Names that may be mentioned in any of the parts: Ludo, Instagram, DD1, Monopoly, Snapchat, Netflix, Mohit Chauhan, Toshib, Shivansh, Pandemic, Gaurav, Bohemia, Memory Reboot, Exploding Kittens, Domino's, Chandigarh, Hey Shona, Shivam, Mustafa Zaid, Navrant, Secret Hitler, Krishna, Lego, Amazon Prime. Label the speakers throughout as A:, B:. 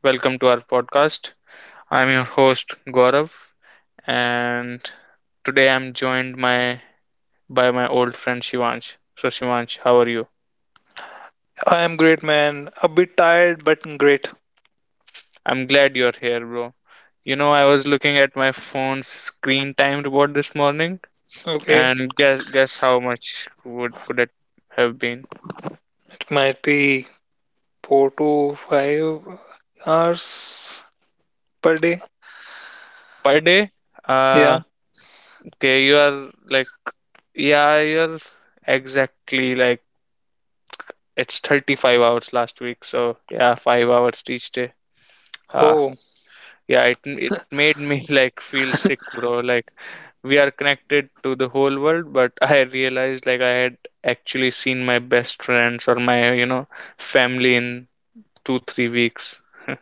A: Welcome to our podcast. I'm your host Gaurav, and today I'm joined my by my old friend Shivansh. So, Shivansh, how are you?
B: I am great, man. A bit tired, but great.
A: I'm glad you're here, bro. You know, I was looking at my phone's screen time report this morning,
B: Okay.
A: and guess how much would could it have been
B: It might be 4 to 5 hours per day.
A: per day?
B: Yeah.
A: Uh, okay, you are like, yeah, you're exactly like it's 35 hours last week. So, yeah, 5 hours each day. Uh,
B: Oh,
A: yeah, it made me like feel sick, bro. Like we are connected to the whole world, but I realized like I had actually seen my best friends or my family in 2-3 weeks.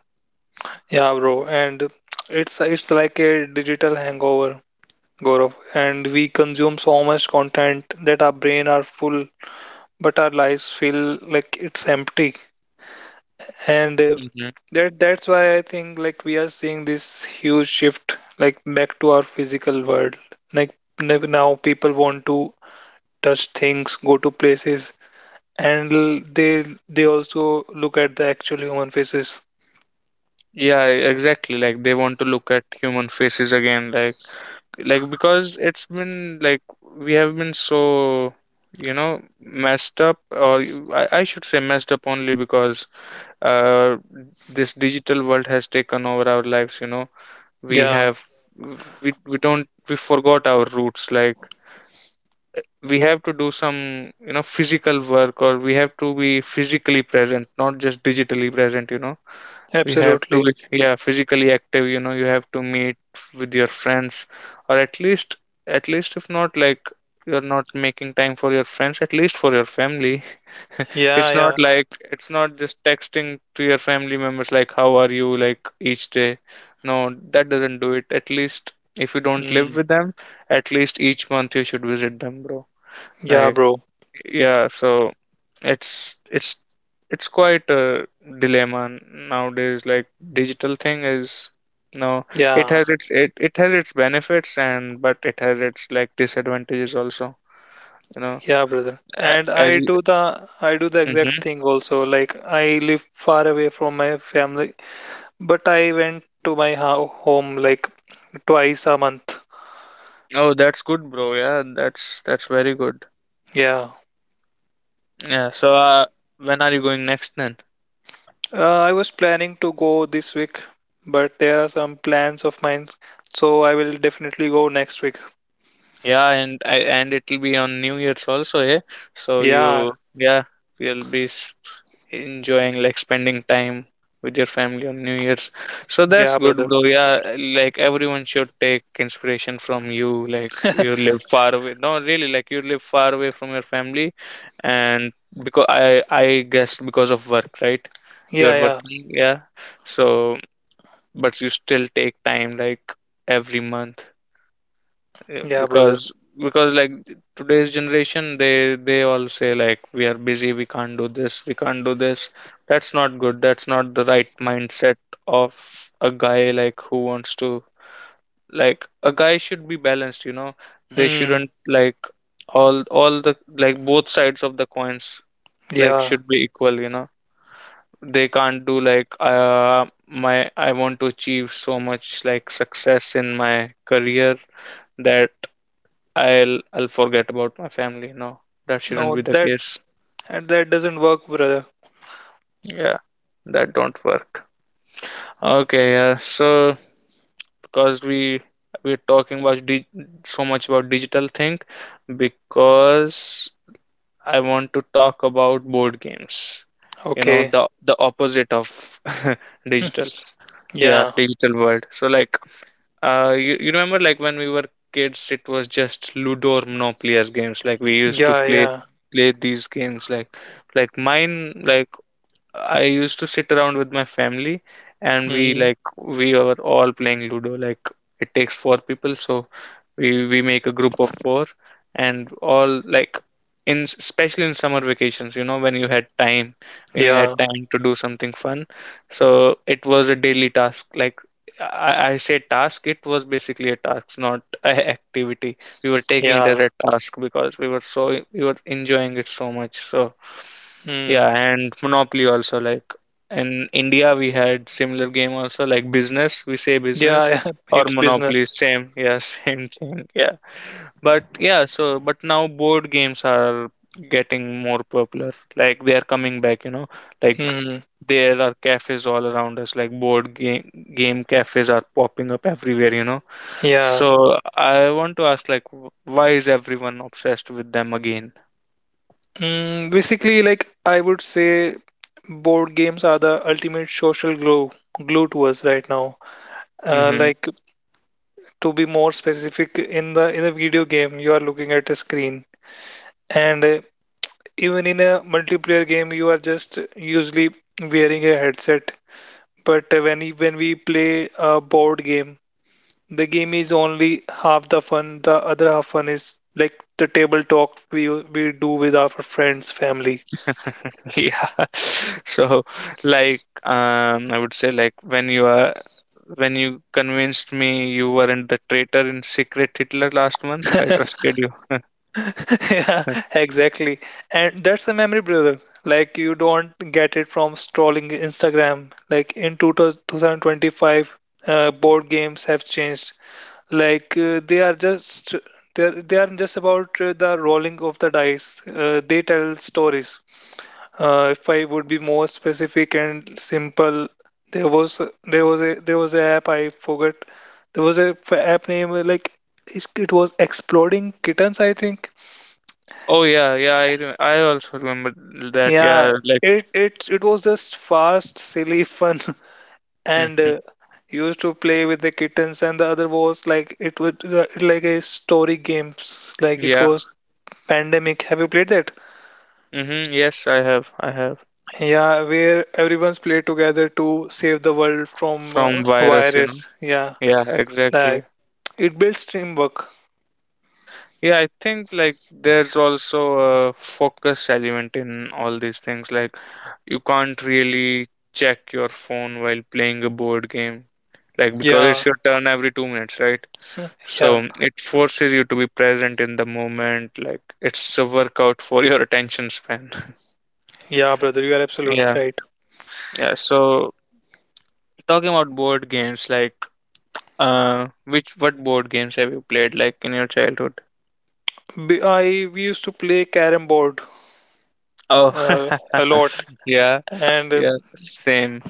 B: yeah, bro. And it's like a digital hangover, Gaurav. And we consume so much content that our brain are full, but our lives feel like it's empty. And
A: Hmm.
B: that's why I think like we are seeing this huge shift like back to our physical world. Like now people want to touch things, go to places, and they they also look at the actual human faces.
A: Yeah, exactly. Like they want to look at human faces again, like because it's been like we have been so, you know, messed up, or I should say messed up only because uh, this digital world has taken over our lives. You know, we
B: Yeah,
A: have, we don't we forgot our roots. Like we have to do some, you know, physical work, or we have to be physically present, not just digitally present. We have to be,
B: absolutely.
A: yeah, physically active. You have to meet with your friends, or at least if not, like, you're not making time for your friends, at least for your family.
B: Yeah,
A: It's not
B: yeah.
A: like it's not just texting to your family members, like, how are you, like, each day. No, that doesn't do it. At least if you don't live
B: Mm,
A: with them, at least each month you should visit them, bro.
B: yeah,
A: Like,
B: bro.
A: yeah, so it's it's it's quite a dilemma nowadays. Like, digital thing is no, it
B: Yeah,
A: has its, it has its benefits, and but it has its like disadvantages also. You know.
B: yeah, brother.
A: A-
B: And I
A: as
B: do the I do the exact thing also. Like I live far away from my family, but I went to my ho home like twice a month.
A: Oh, that's good, bro. Yeah, that's very good.
B: Yeah.
A: Yeah. So, when are you going next then?
B: I was planning to go this week, but there are some plans of mine, so I will definitely go next week.
A: Yeah, and I and it'll be on New Year's also, yeah. So
B: Yeah,
A: you, yeah, you'll be enjoying like spending time with your family on New Year's. So that's
B: yeah,
A: good,
B: brother.
A: bro. Yeah, like everyone should take inspiration from you. Like you live far away. No, really, like you live far away from your family, and because I guess because of work, right?
B: Yeah,
A: You're
B: yeah,
A: working, yeah. So, but you still take time like every month,
B: yeah, brother.
A: because like today's generation, they all say like we are busy, we can't do this, we can't do this. That's not good. That's not the right mindset of a guy, like, who wants to like a guy should be balanced, you know. They
B: Hmm.
A: shouldn't, like, all the, like, both sides of the coins, like,
B: Yeah.
A: should be equal, you know. They can't do like my I want to achieve so much, like, success in my career that I'll forget about my family. No, that shouldn't
B: No,
A: be the
B: that
A: case.
B: that doesn't work, brother.
A: Yeah, that don't work. Okay, yeah. So because we're talking so much about digital thing, because I want to talk about board games. You know,
B: Okay.
A: the opposite of
B: Hmm.
A: digital. Yeah,
B: Yeah.
A: digital world. So, like, you remember like when we were kids, it was just Ludo or Monopoly as games. Like we used to
B: Yeah,
A: play
B: yeah.
A: play these games. Like mine like I used to sit around with my family, and we
B: Hmm.
A: like we were all playing Ludo. Like it takes four people, so we make a group of four, and all, like, in especially in summer vacations, you know, when you had
B: Yeah.
A: time, to do something fun. So it was a daily task. Like, I say task, it was basically a task, not a activity. We were taking it as
B: Yeah.
A: a task because we were enjoying it so much. So. Yeah,
B: Hmm.
A: and Monopoly also, like, in India we had similar game also, like business, we say
B: Yeah.
A: business
B: Yeah,
A: or
B: it's
A: Monopoly,
B: business.
A: same, yeah, same thing, yeah. But yeah, so but now board games are getting more popular. Like they are coming back, you know. Like
B: Hmm.
A: there are cafes all around us, like board game cafes are popping up everywhere, you know.
B: Yeah.
A: So I want to ask like why is everyone obsessed with them again?
B: Hmm. Basically, like I would say, board games are the ultimate social glue to us right now.
A: Mm-hmm.
B: Like to be more specific, in a video game, you are looking at a screen, and even in a multiplayer game you are just usually wearing a headset, but when we play a board game, the game is only half the fun. The other half fun is like the table talk we do with our friends, family.
A: Yeah. So, like, I would say, like, when you convinced me you weren't the traitor in Secret Hitler last month, I trusted you.
B: Yeah, exactly. And that's a memory, brother. Like you don't get it from scrolling Instagram. Like in 2000 2025, board games have changed. Like they are just about the rolling of the dice. They tell stories. If I would be more specific and simple, there was a app I forgot. There was a app name like it was Exploding Kittens, I think.
A: Oh, yeah, yeah. I also remember that.
B: Yeah,
A: Yeah, like,
B: it was just fast, silly, fun, and
A: hmm,
B: used to play with the kittens. And the other was like it would like a story games. Like it
A: yeah.
B: was Pandemic. Have you played that?
A: Hmm. Yes, I have
B: Yeah, where everyone's played together to save the world from
A: from virus. You know.
B: virus. Yeah,
A: Yeah, exactly.
B: like it builds teamwork.
A: Yeah, I think like there's also a focus element in all these things. Like you can't really check your phone while playing a board game, like because
B: Yeah,
A: it's your turn every 2 minutes, right?
B: yeah,
A: So it forces you to be present in the moment. Like it's a workout for your attention span.
B: yeah, brother. You are absolutely
A: Yeah,
B: right.
A: yeah. So talking about board games, like, which what board games have you played, like, in your childhood?
B: B- I we used to play carrom board
A: Oh,
B: uh, a lot,
A: yeah,
B: and
A: yeah, same.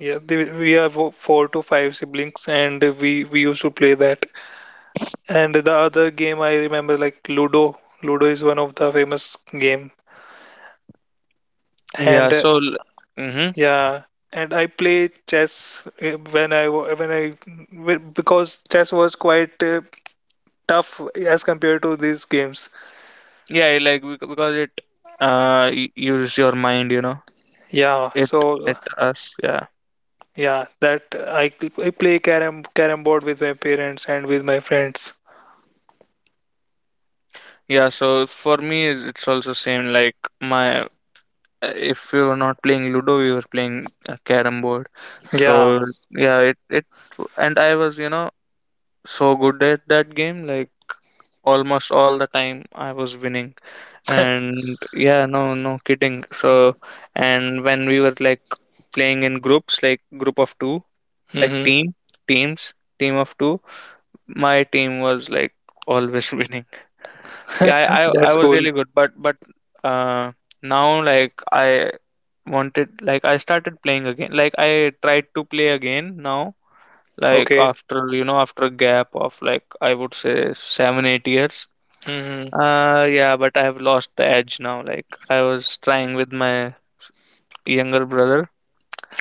B: yeah, we have four to five siblings, and we used to play that. And the other game I remember like Ludo. Ludo is one of the famous game,
A: Yeah,
B: and
A: so mm-hmm.
B: yeah, and I play chess when I wa- when I w- because chess was quite tough as compared to these games.
A: Yeah, like, because it uses your mind, you know.
B: Yeah,
A: It
B: so
A: it does, yeah.
B: yeah, I play carom board with my parents and with my friends.
A: Yeah, so for me, it's also same like my if we were not playing Ludo, we were playing carrom board. So
B: Yeah.
A: yeah, it and I was, you know, so good at that game, like almost all the time I was winning. And yeah, no, no kidding. So, and when we were, like, playing in groups, like group of two, like
B: Hmm.
A: teams team of two, my team was, like, always winning. Yeah, i i, I
B: That's
A: was
B: cool.
A: really good, but uh now, like, I started playing again, like I tried to play again now, like
B: Okay.
A: after, you know, after a gap of, like, I would say, 7-8 years.
B: Hmm.
A: Yeah, but I have lost the edge now. Like I was trying with my younger brother.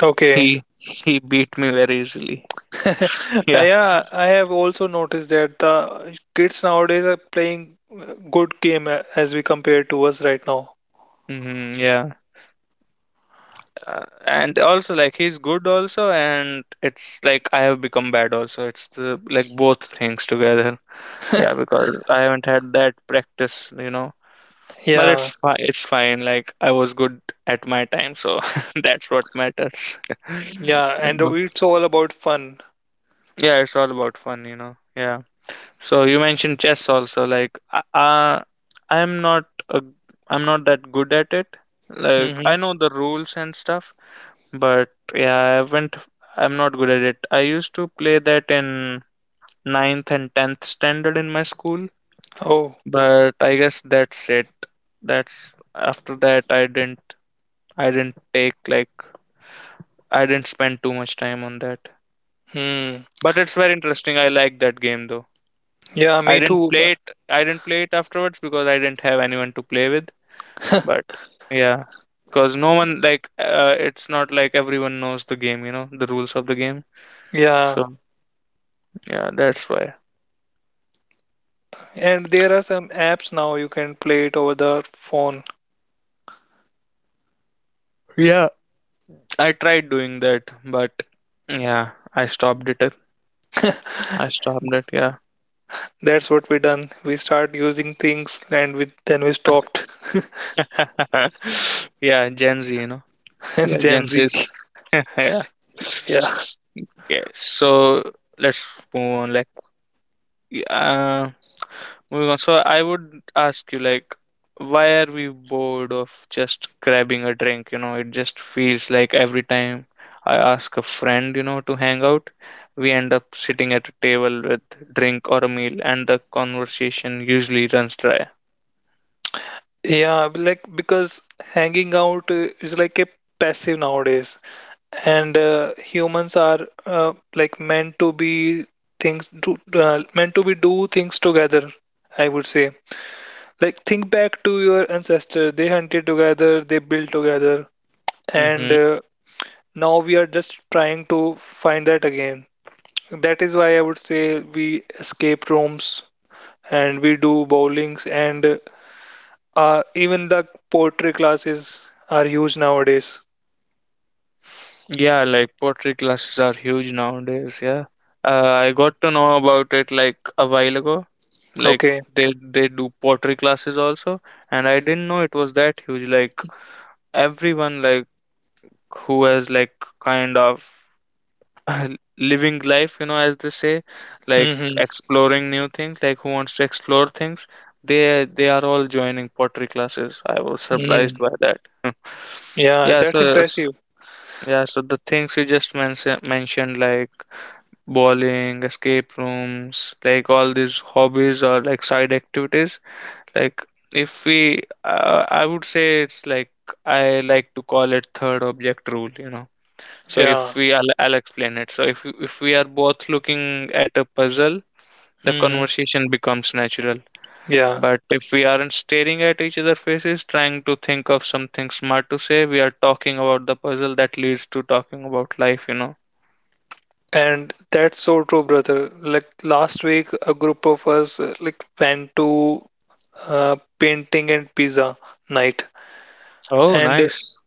B: Okay.
A: he he beat me very easily. Yeah.
B: Yeah, I have also noticed that the kids nowadays are playing good game as we compare to us right now.
A: Hmm. Yeah. And also, like, he's good also, and it's like I have become bad also, it's like both things together. Yeah, because I haven't had that practice, you know. But it's
B: Yeah.
A: fine, it's fine, like I was good at my time, so that's what matters.
B: Yeah,
A: You
B: and
A: know?
B: it's all about fun.
A: Yeah, it's all about fun, you know. Yeah, so you mentioned chess also, like, i'm not a, I'm not that good at it, like I
B: Hmm.
A: know the rules and stuff, but yeah, I haven't. I'm not good at it. I used to play that in ninth and tenth standard in my school,
B: Oh,
A: but I guess that's it. That's after that I didn't. I didn't take like I didn't spend too much time on that.
B: hmm.
A: But it's very interesting. I like that game though.
B: Yeah, me too.
A: I didn't play it afterwards because I didn't have anyone to play with. But yeah, because no one like, it's not like everyone knows the game. You know the rules of the game.
B: Yeah,
A: So yeah, that's why.
B: and there are some apps now you can play it over the phone.
A: Yeah, I tried doing that, but yeah, I stopped it. Yeah.
B: That's what we done. We start using things and we stopped.
A: Yeah, Gen Z, you know. We are Gen
B: Gen Z.
A: Zs. Yeah.
B: Yeah.
A: Okay, so let's move on. Like, uh, moving on. So I would ask you, like, why are we bored of just grabbing a drink? You know, it just feels like every time I ask a friend, you know, to hang out, we end up sitting at a table with drink or a meal, and the conversation usually runs dry.
B: Yeah, like because hanging out is like a passive nowadays, and humans are like meant to be do things together, I would say. Like, think back to your ancestors. They hunted together, they built together, and
A: Mm-hmm.
B: now we are just trying to find that again. That is why I would say we escape rooms and we do bowlings, and even the poetry classes are huge nowadays.
A: Yeah, like pottery classes are huge nowadays. Yeah, I got to know about it like a while ago. Like
B: Okay.
A: they do pottery classes also, and I didn't know it was that huge. Like everyone, like, who has, like, kind of living life, you know, as they say, like
B: Mm-hmm.
A: exploring new things, like who wants to explore things, they are all joining pottery classes. I was
B: Mm-hmm.
A: surprised by that.
B: Yeah,
A: Yeah,
B: that's
A: so,
B: impressive.
A: yeah, so the things you just mentioned, like bowling, escape rooms, like all these hobbies or like side activities, like, if we, I would say it's like I like to call it third object rule, you know. So if
B: Yeah.
A: we, I'll explain it. So if we are both looking at a puzzle, the
B: Mm-hmm.
A: conversation becomes natural.
B: Yeah.
A: But if we aren't staring at each other faces, trying to think of something smart to say, we are talking about the puzzle that leads to talking about life, you know.
B: And that's so true, brother. Like last week, a group of us like went to painting and pizza night,
A: Oh,
B: and
A: nice.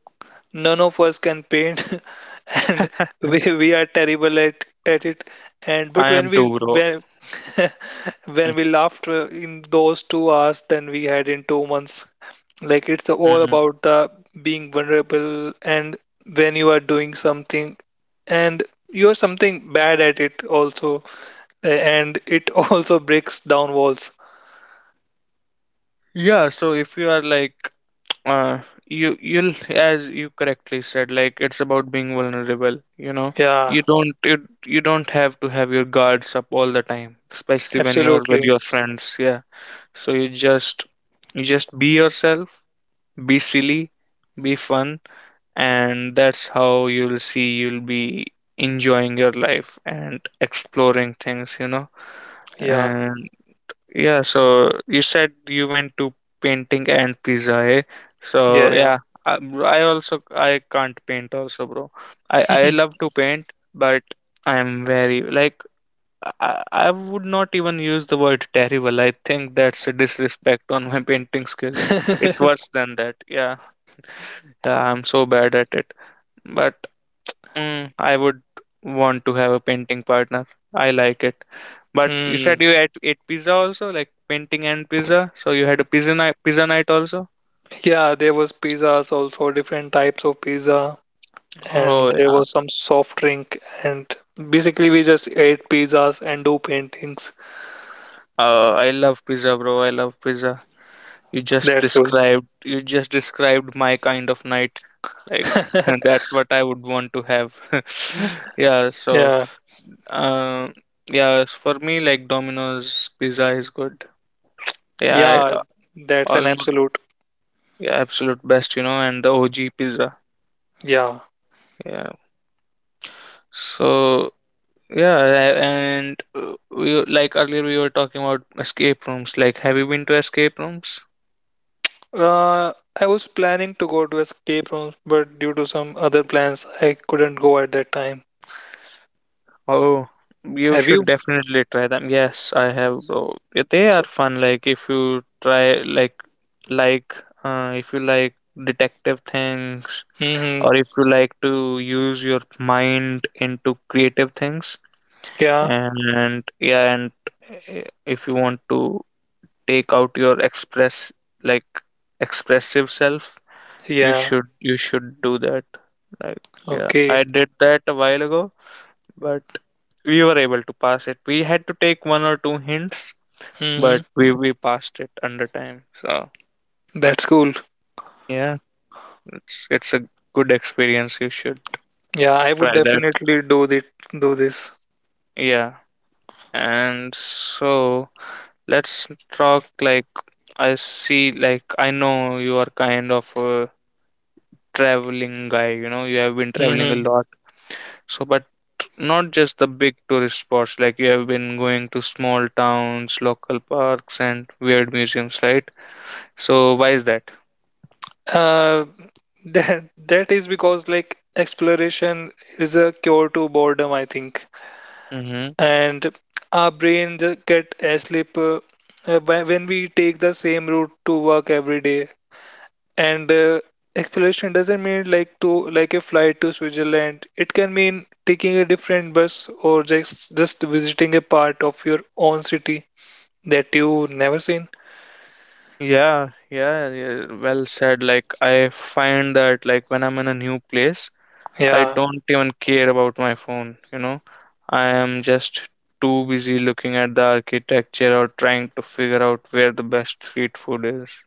B: none of us can paint, and we are terrible at it. And
A: I
B: but
A: am
B: when we
A: too, bro.
B: when when we laughed in those 2 hours than we had in 2 months, like it's all
A: Mhm.
B: about the being vulnerable, and when you are doing something and you're something bad at it also and it also breaks down walls.
A: Yeah, so if you are like uh you'll as you correctly said, like it's about being vulnerable.
B: Yeah,
A: You you don't have to have your guards up all the time, especially when you are with
B: absolutely.
A: your friends, yeah. So you just be yourself, be silly, be fun, and that's how you'll be enjoying your life and exploring things, you know.
B: Yeah,
A: And yeah, so you said you went to painting and pizza, eh?
B: yeah,
A: So
B: yeah.
A: yeah, I, bro, I also I can't paint also, bro. I love to paint, but I am very like I would not even use the word terrible. I think that's a disrespect on my painting skills. It's worse than that. Yeah, yeah, I'm so bad at it. But I would want to have a painting partner. I like it. But you said
B: Mm.
A: you ate pizza also, like painting and pizza. So you had a pizza night, also.
B: Yeah, there was pizzas also, different types of pizza, and
A: Oh
B: there
A: yeah.
B: was some soft drink, and basically we just ate pizzas and do paintings.
A: I love pizza, bro. I love pizza. You just
B: That's all.
A: described, you just described my kind of night. Like, that's what I would want to have. Yeah. So,
B: Yeah,
A: um, yeah. For me, like Domino's pizza is good. Yeah.
B: yeah,
A: I,
B: that's an
A: almost.
B: absolute.
A: Yeah, absolute best, you know, and the OG pizza.
B: Yeah.
A: Yeah. So yeah, like earlier we were talking about escape rooms. Like, have you been to escape rooms?
B: Uh, I was planning to go to escape rooms, but due to some other plans, I couldn't go at that time.
A: Oh, you
B: Have
A: should
B: you?
A: definitely try them. Yes, I have, bro. Yeah, they
B: So,
A: are fun. Like, if you try, like, if you like detective things,
B: hmm.
A: or if you like to use your mind into creative things,
B: Yeah,
A: and yeah, and uh, if you want to take out your express like expressive self, you
B: yeah.
A: should do that, like, yeah.
B: Okay.
A: I did that a while ago, but we were able to pass it. We had to take one or two hints,
B: Hmm.
A: but we passed it under time. So
B: That's cool.
A: yeah, it's a good experience. You should
B: Yeah, I would
A: try that.
B: definitely do this.
A: Yeah. And so let's talk, like, I see, like, I know you are kind of a traveling guy, you know, you have been traveling a
B: Hmm.
A: lot. So, but not just the big tourist spots, like you have been going to small towns, local parks, and weird museums, right? So, why is that?
B: Uh, that is because like exploration is a cure to boredom, I think,
A: Mm-hmm.
B: and our brain just get asleep when we take the same route to work every day. And exploration doesn't mean like to like a flight to Switzerland. It can mean taking a different bus or just visiting a part of your own city that you never seen.
A: Yeah, yeah, yeah, well said. Like, I find that, like, when I'm in a new place, I
B: Yeah.
A: don't even care about my phone, you know? I am just too busy looking at the architecture or trying to figure out where the best street food is.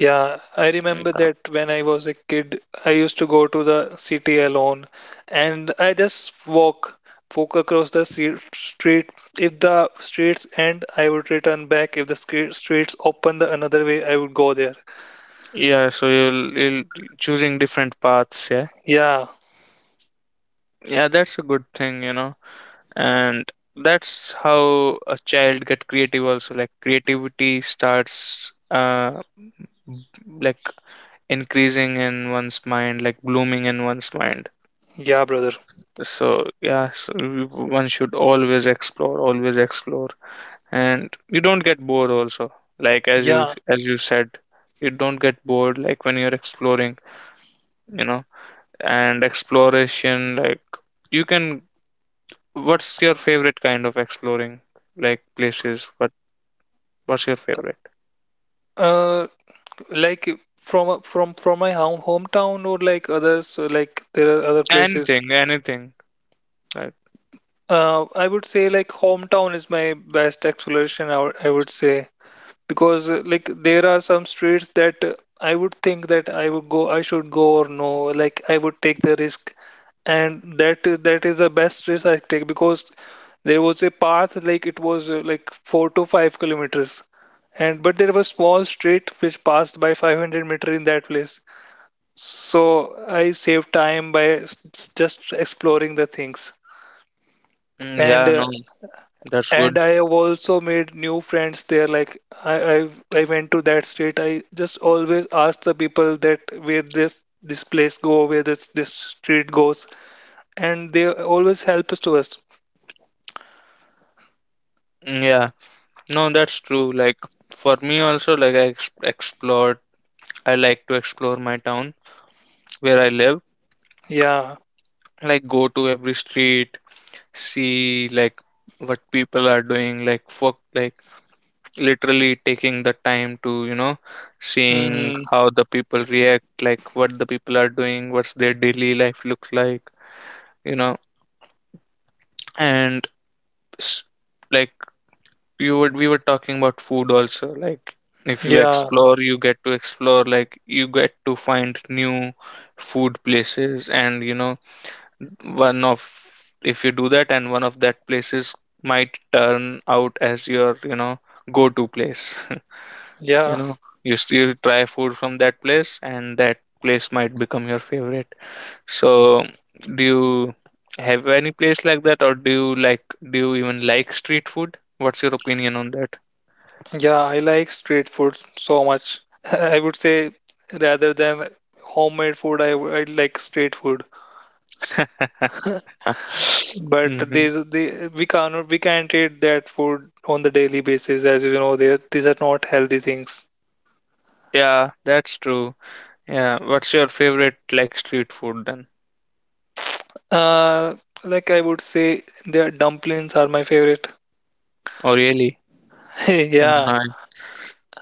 B: Yeah, I
A: Yeah,
B: remember that when I was a kid, I used to go to the city alone, and I just walk across the street. If the streets end, I would return back. If the streets open the another way, I would go there.
A: yeah, so you'll choosing different paths, yeah?
B: Yeah,
A: Yeah, that's a good thing, you know. And that's how a child get creative also. Like creativity starts like increasing in one's mind, like blooming in one's mind.
B: yeah, brother.
A: So yeah, so one should always explore, always explore. And you don't get bored also. Like as
B: Yeah.
A: you said, you don't get bored like when you're exploring, you know. And exploration like you can — what's your favorite kind of exploring, like places? What's your favorite?
B: Uh, like from my hometown, or like others, like there are other places.
A: Anything, anything. Like,
B: I would say like hometown is my best exploration, I would say, because like there are some streets that I would think that I would go, I should go or no, like I would take the risk, and that is the best risk I take because there was a path like it was like 4 to 5 kilometers, and but there was small street which passed by 500 meter in that place, so I saved time by just exploring the things,
A: mm,
B: and
A: yeah,
B: uh,
A: no, that's
B: and
A: good.
B: I have also made new friends there. Like I went to that street. I just always ask the people that where this place go, where this street goes, and they always help us to us.
A: Mm, yeah, no, that's true. Like for me also, like I ex explored. I like to explore my town where I live.
B: Yeah.
A: Like go to every street, see like what people are doing. Like fuck, like literally taking the time to, you know, seeing
B: Hmm.
A: how the people react, like what the people are doing, what's their daily life looks like, you know. And s- like, you would — we were talking about food also, like if you
B: Yeah.
A: explore, you get to explore, like you get to find new food places, and you know, one of — if you do that, and one of that places might turn out as your, you know, go-to place. You
B: Yeah.
A: know, you still try food from that place, and that place might become your favorite. So, do you have any place like that, or do you like — do you even like street food? What's your opinion on that?
B: Yeah. I like street food so much. I would say, rather than homemade food, I like street food. But
A: Hmm.
B: these the we cannot we can't eat that food on the daily basis, as you know, there these are not healthy things.
A: Yeah, that's true. Yeah, what's your favorite like street food then?
B: Uh, like I would say, their dumplings are my favorite.
A: Oh, really?
B: Yeah,
A: Nice,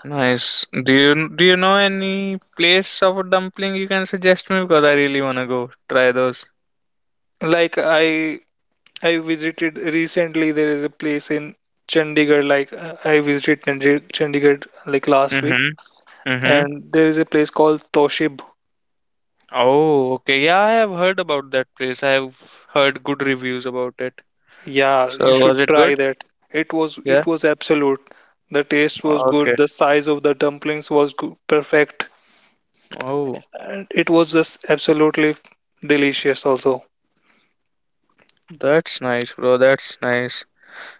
A: nice. Do you know any place of a dumpling you can suggest me, because I really wanna go try those.
B: like I visited recently. There is a place in Chandigarh. Like I visited Chandigarh like last week,
A: Mm-hmm. Mm-hmm.
B: and there is a place called Toshib.
A: Oh, okay. Yeah, I have heard about that place. I have heard good reviews about it.
B: Yeah,
A: So,
B: you should
A: was it
B: try
A: good?
B: that. It was
A: Yeah.
B: it was absolute. The taste was
A: Okay.
B: good. The size of the dumplings was good, perfect,
A: Oh,
B: and it was just absolutely delicious. Also,
A: that's nice, bro. That's nice.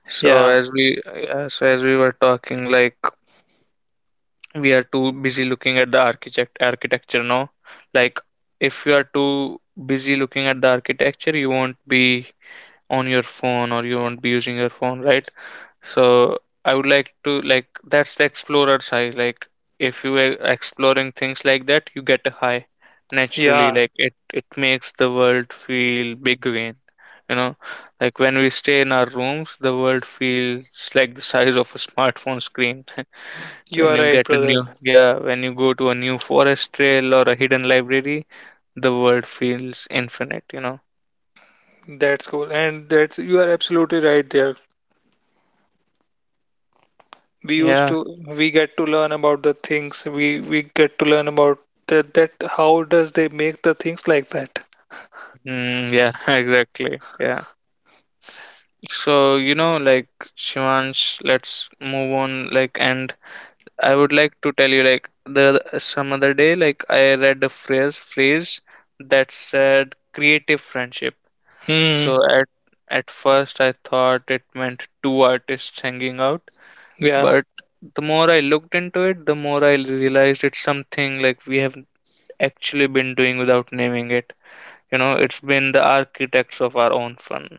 A: So
B: yeah,
A: as we were talking, like we are too busy looking at the architecture now. Like if you are too busy looking at the architecture, you won't be on your phone, or you won't be using your phone, right? So I would like to like, that's the explorer side. Like if you are exploring things like that, you get a high naturally.
B: yeah,
A: Like it makes the world feel big again. You know, like when we stay in our rooms, the world feels like the size of a smartphone screen.
B: you
A: When
B: are
A: you
B: right,
A: get a
B: brother.
A: new — yeah, when you go to a new forest trail or a hidden library, the world feels infinite. You know.
B: That's cool. And that's you are absolutely right there. We used
A: Yeah.
B: to we get to learn about the things. We get to learn about that how does they make the things like that.
A: Mm, yeah. Exactly. Yeah. So, you know, like Shivansh, let's move on. Like, and I would like to tell you, like, the some other day, like, I read a phrase that said creative friendship.
B: Hmm.
A: So at first, I thought it meant two artists hanging out,
B: Yeah.
A: but the more I looked into it, the more I realized it's something like we have actually been doing without naming it. You know, it's been the architects of our own fun.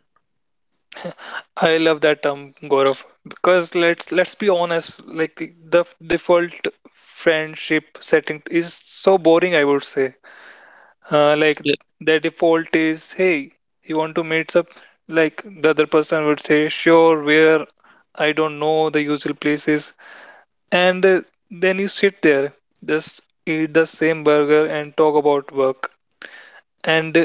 B: I love that term, Gaurav, because let's be honest, like the default friendship setting is so boring, I would say. Like
A: Ye-
B: the default is, hey, you want to meet up? Like the other person would say, sure, where? I don't know, the usual places. And then you sit there, just eat the same burger and talk about work. And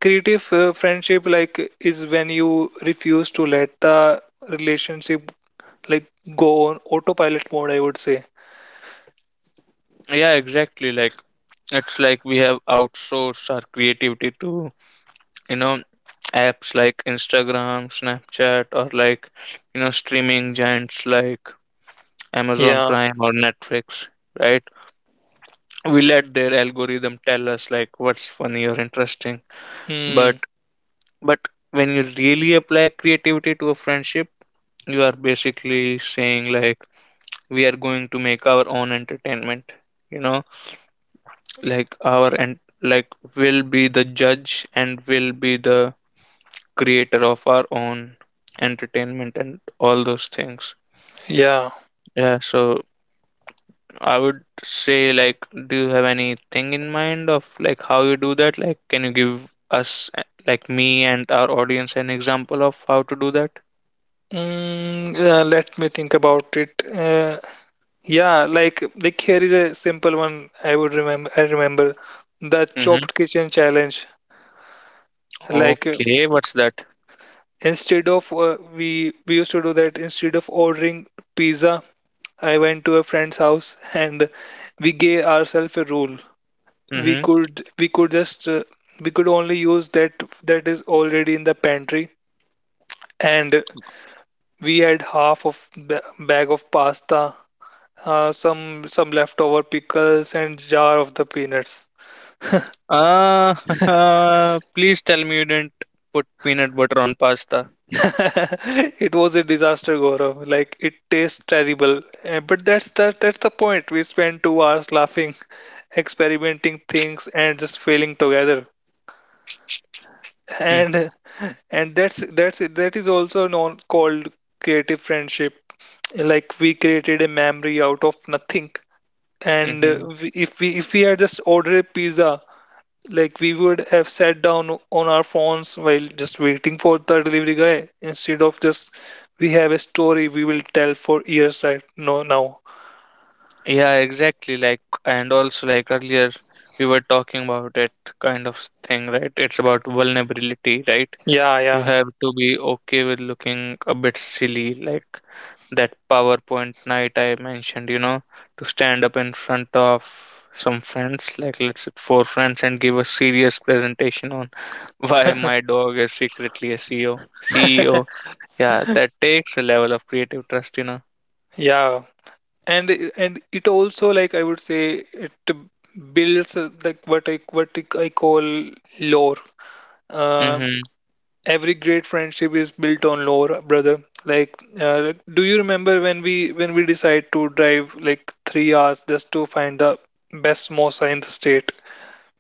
B: creative friendship like is when you refuse to let the relationship like go on autopilot mode, I would say.
A: Yeah, exactly. Like, it's like we have outsourced our creativity to, you know, apps like Instagram, Snapchat, or like, you know, streaming giants like Amazon
B: Yeah.
A: Prime or Netflix, right? We let their algorithm tell us like what's funny or interesting. But
B: Hmm.
A: but when you really apply creativity to a friendship, you are basically saying, like, we are going to make our own entertainment, you know, like our — and like will be the judge and will be the creator of our own entertainment and all those things.
B: Yeah.
A: Yeah, so I would say, like, do you have anything in mind of like how you do that? Like, can you give us, like, me and our audience an example of how to do that?
B: Mm, yeah, let me think about it. Yeah, like here is a simple one I would remember. I remember the
A: Mm-hmm.
B: chopped kitchen challenge. Like
A: Okay, what's that?
B: Instead of we used to do that instead of ordering pizza. I went to a friend's house, and we gave ourselves a rule. We
A: Mm-hmm.
B: could we could just uh, we could only use that is already in the pantry, and we had half of bag of pasta, uh, some some leftover pickles, and jar of the peanuts.
A: Please tell me you didn't put peanut butter on pasta.
B: It was a disaster, Gaurav. Like it tastes terrible. But that's the point. We spent 2 hours laughing, experimenting things, and just failing together.
A: Hmm.
B: And and that is also known called creative friendship. Like we created a memory out of nothing. And
A: Mhm.
B: we- if we if we had just ordered a pizza, like we would have sat down on our phones while just waiting for the delivery guy instead of just, we have a story we will tell for years, right? No, now,
A: Yeah, exactly. Like, and also, like earlier, we were talking about that kind of thing, right? It's about vulnerability, right?
B: yeah,
A: You
B: yeah,
A: have to be okay with looking a bit silly, like that PowerPoint night I mentioned, you know, to stand up in front of some friends, like let's say four friends, and give a serious presentation on why my dog is secretly a CEO. CEO. Yeah, that takes a level of creative trust, you know.
B: yeah, and and it also, like I would say, it builds like what I call lore, um,
A: Mm-hmm.
B: every great friendship is built on lore, brother. Like, do you remember when we decide to drive like 3 hours just to find the best mosa in the state,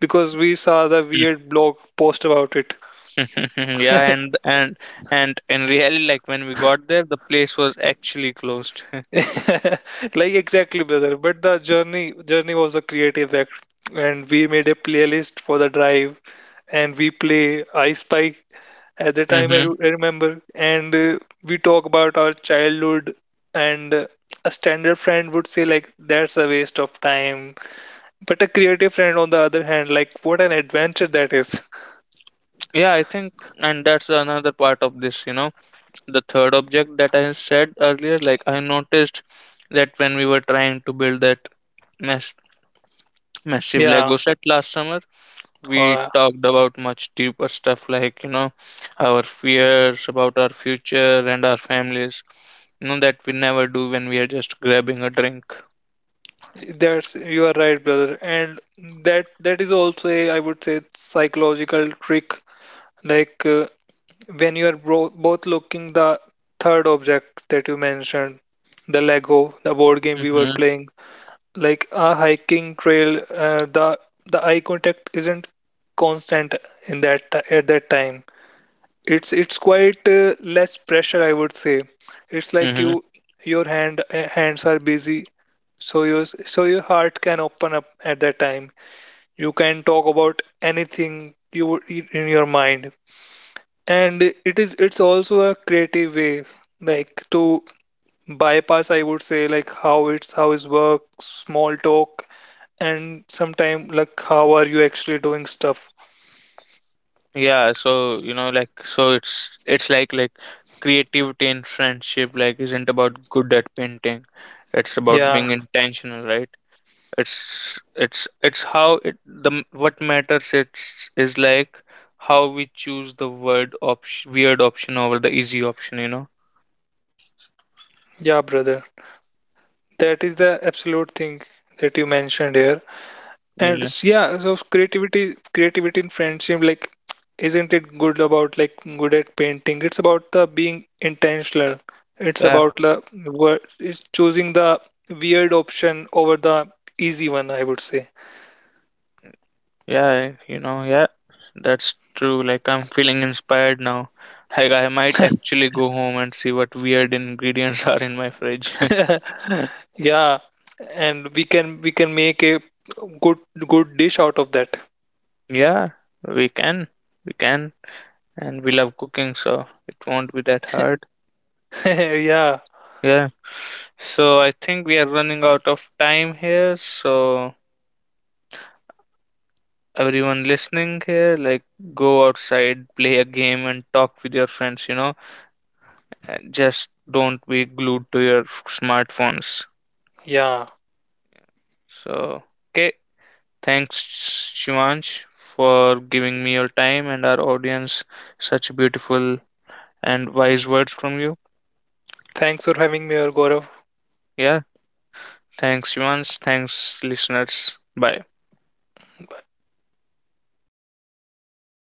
B: because we saw the weird blog post about it?
A: Mhm, yeah, and and and really, like when we got there, the place was actually closed.
B: like exactly, brother, but the journey was a creative act, and we made a playlist for the drive, and we play I spy at the time.
A: Mm-hmm.
B: I remember, and we talk about our childhood, and a standard friend would say like that's a waste of time, but a creative friend on the other hand, like, what an adventure that is.
A: Yeah, I think, and that's another part of this, you know, the third object that I said earlier. Like, I noticed that when we were trying to build that mass massive
B: Yeah.
A: Lego set last summer, we
B: uh,
A: talked about much deeper stuff, like, you know, our fears about our future and our families, you know, that we never do when we are just grabbing a drink.
B: That's you are right, brother, and that is also a, I would say, psychological trick. Like when you are bro both looking the third object that you mentioned, the Lego, the board game we were
A: Mm-hmm.
B: playing, like a hiking trail, the eye contact isn't constant at that time. It's quite less pressure, I would say. It's like you your hand hands are busy, so your heart can open up at that time. You can talk about anything you would in your mind, and it's also a creative way, like to bypass, I would say, like how is work, small talk, and sometime like how are you actually doing stuff.
A: Yeah, so you know, like, so it's like creativity in friendship, like, isn't about good at painting. It's about
B: Yeah,
A: being intentional, right? It's how what matters. It's is like how we choose the weird option over the easy option. You know?
B: yeah, brother. That is the absolute thing that you mentioned here. And
A: Yeah,
B: yeah, so creativity in friendship, like, isn't it good about like good at painting? It's about the being intentional.
A: yeah,
B: It's about it's choosing the weird option over the easy one, I would say.
A: yeah. You know, yeah. That's true. Like, I'm feeling inspired now. Like, I might actually go home and see what weird ingredients are in my fridge.
B: Yeah, and we can make a good good dish out of that.
A: Yeah, we can. We can. And we love cooking, so it won't be that hard.
B: Yeah,
A: Yeah. So I think we are running out of time here. So everyone listening here, like go outside, play a game and talk with your friends, you know. And just don't be glued to your smartphones.
B: yeah.
A: So, okay. Thanks, Shivansh, for giving me your time, and our audience such beautiful and wise words from you.
B: Thanks for having me, Gaurav.
A: Yeah. Thanks, Yuans. Thanks, listeners. Bye.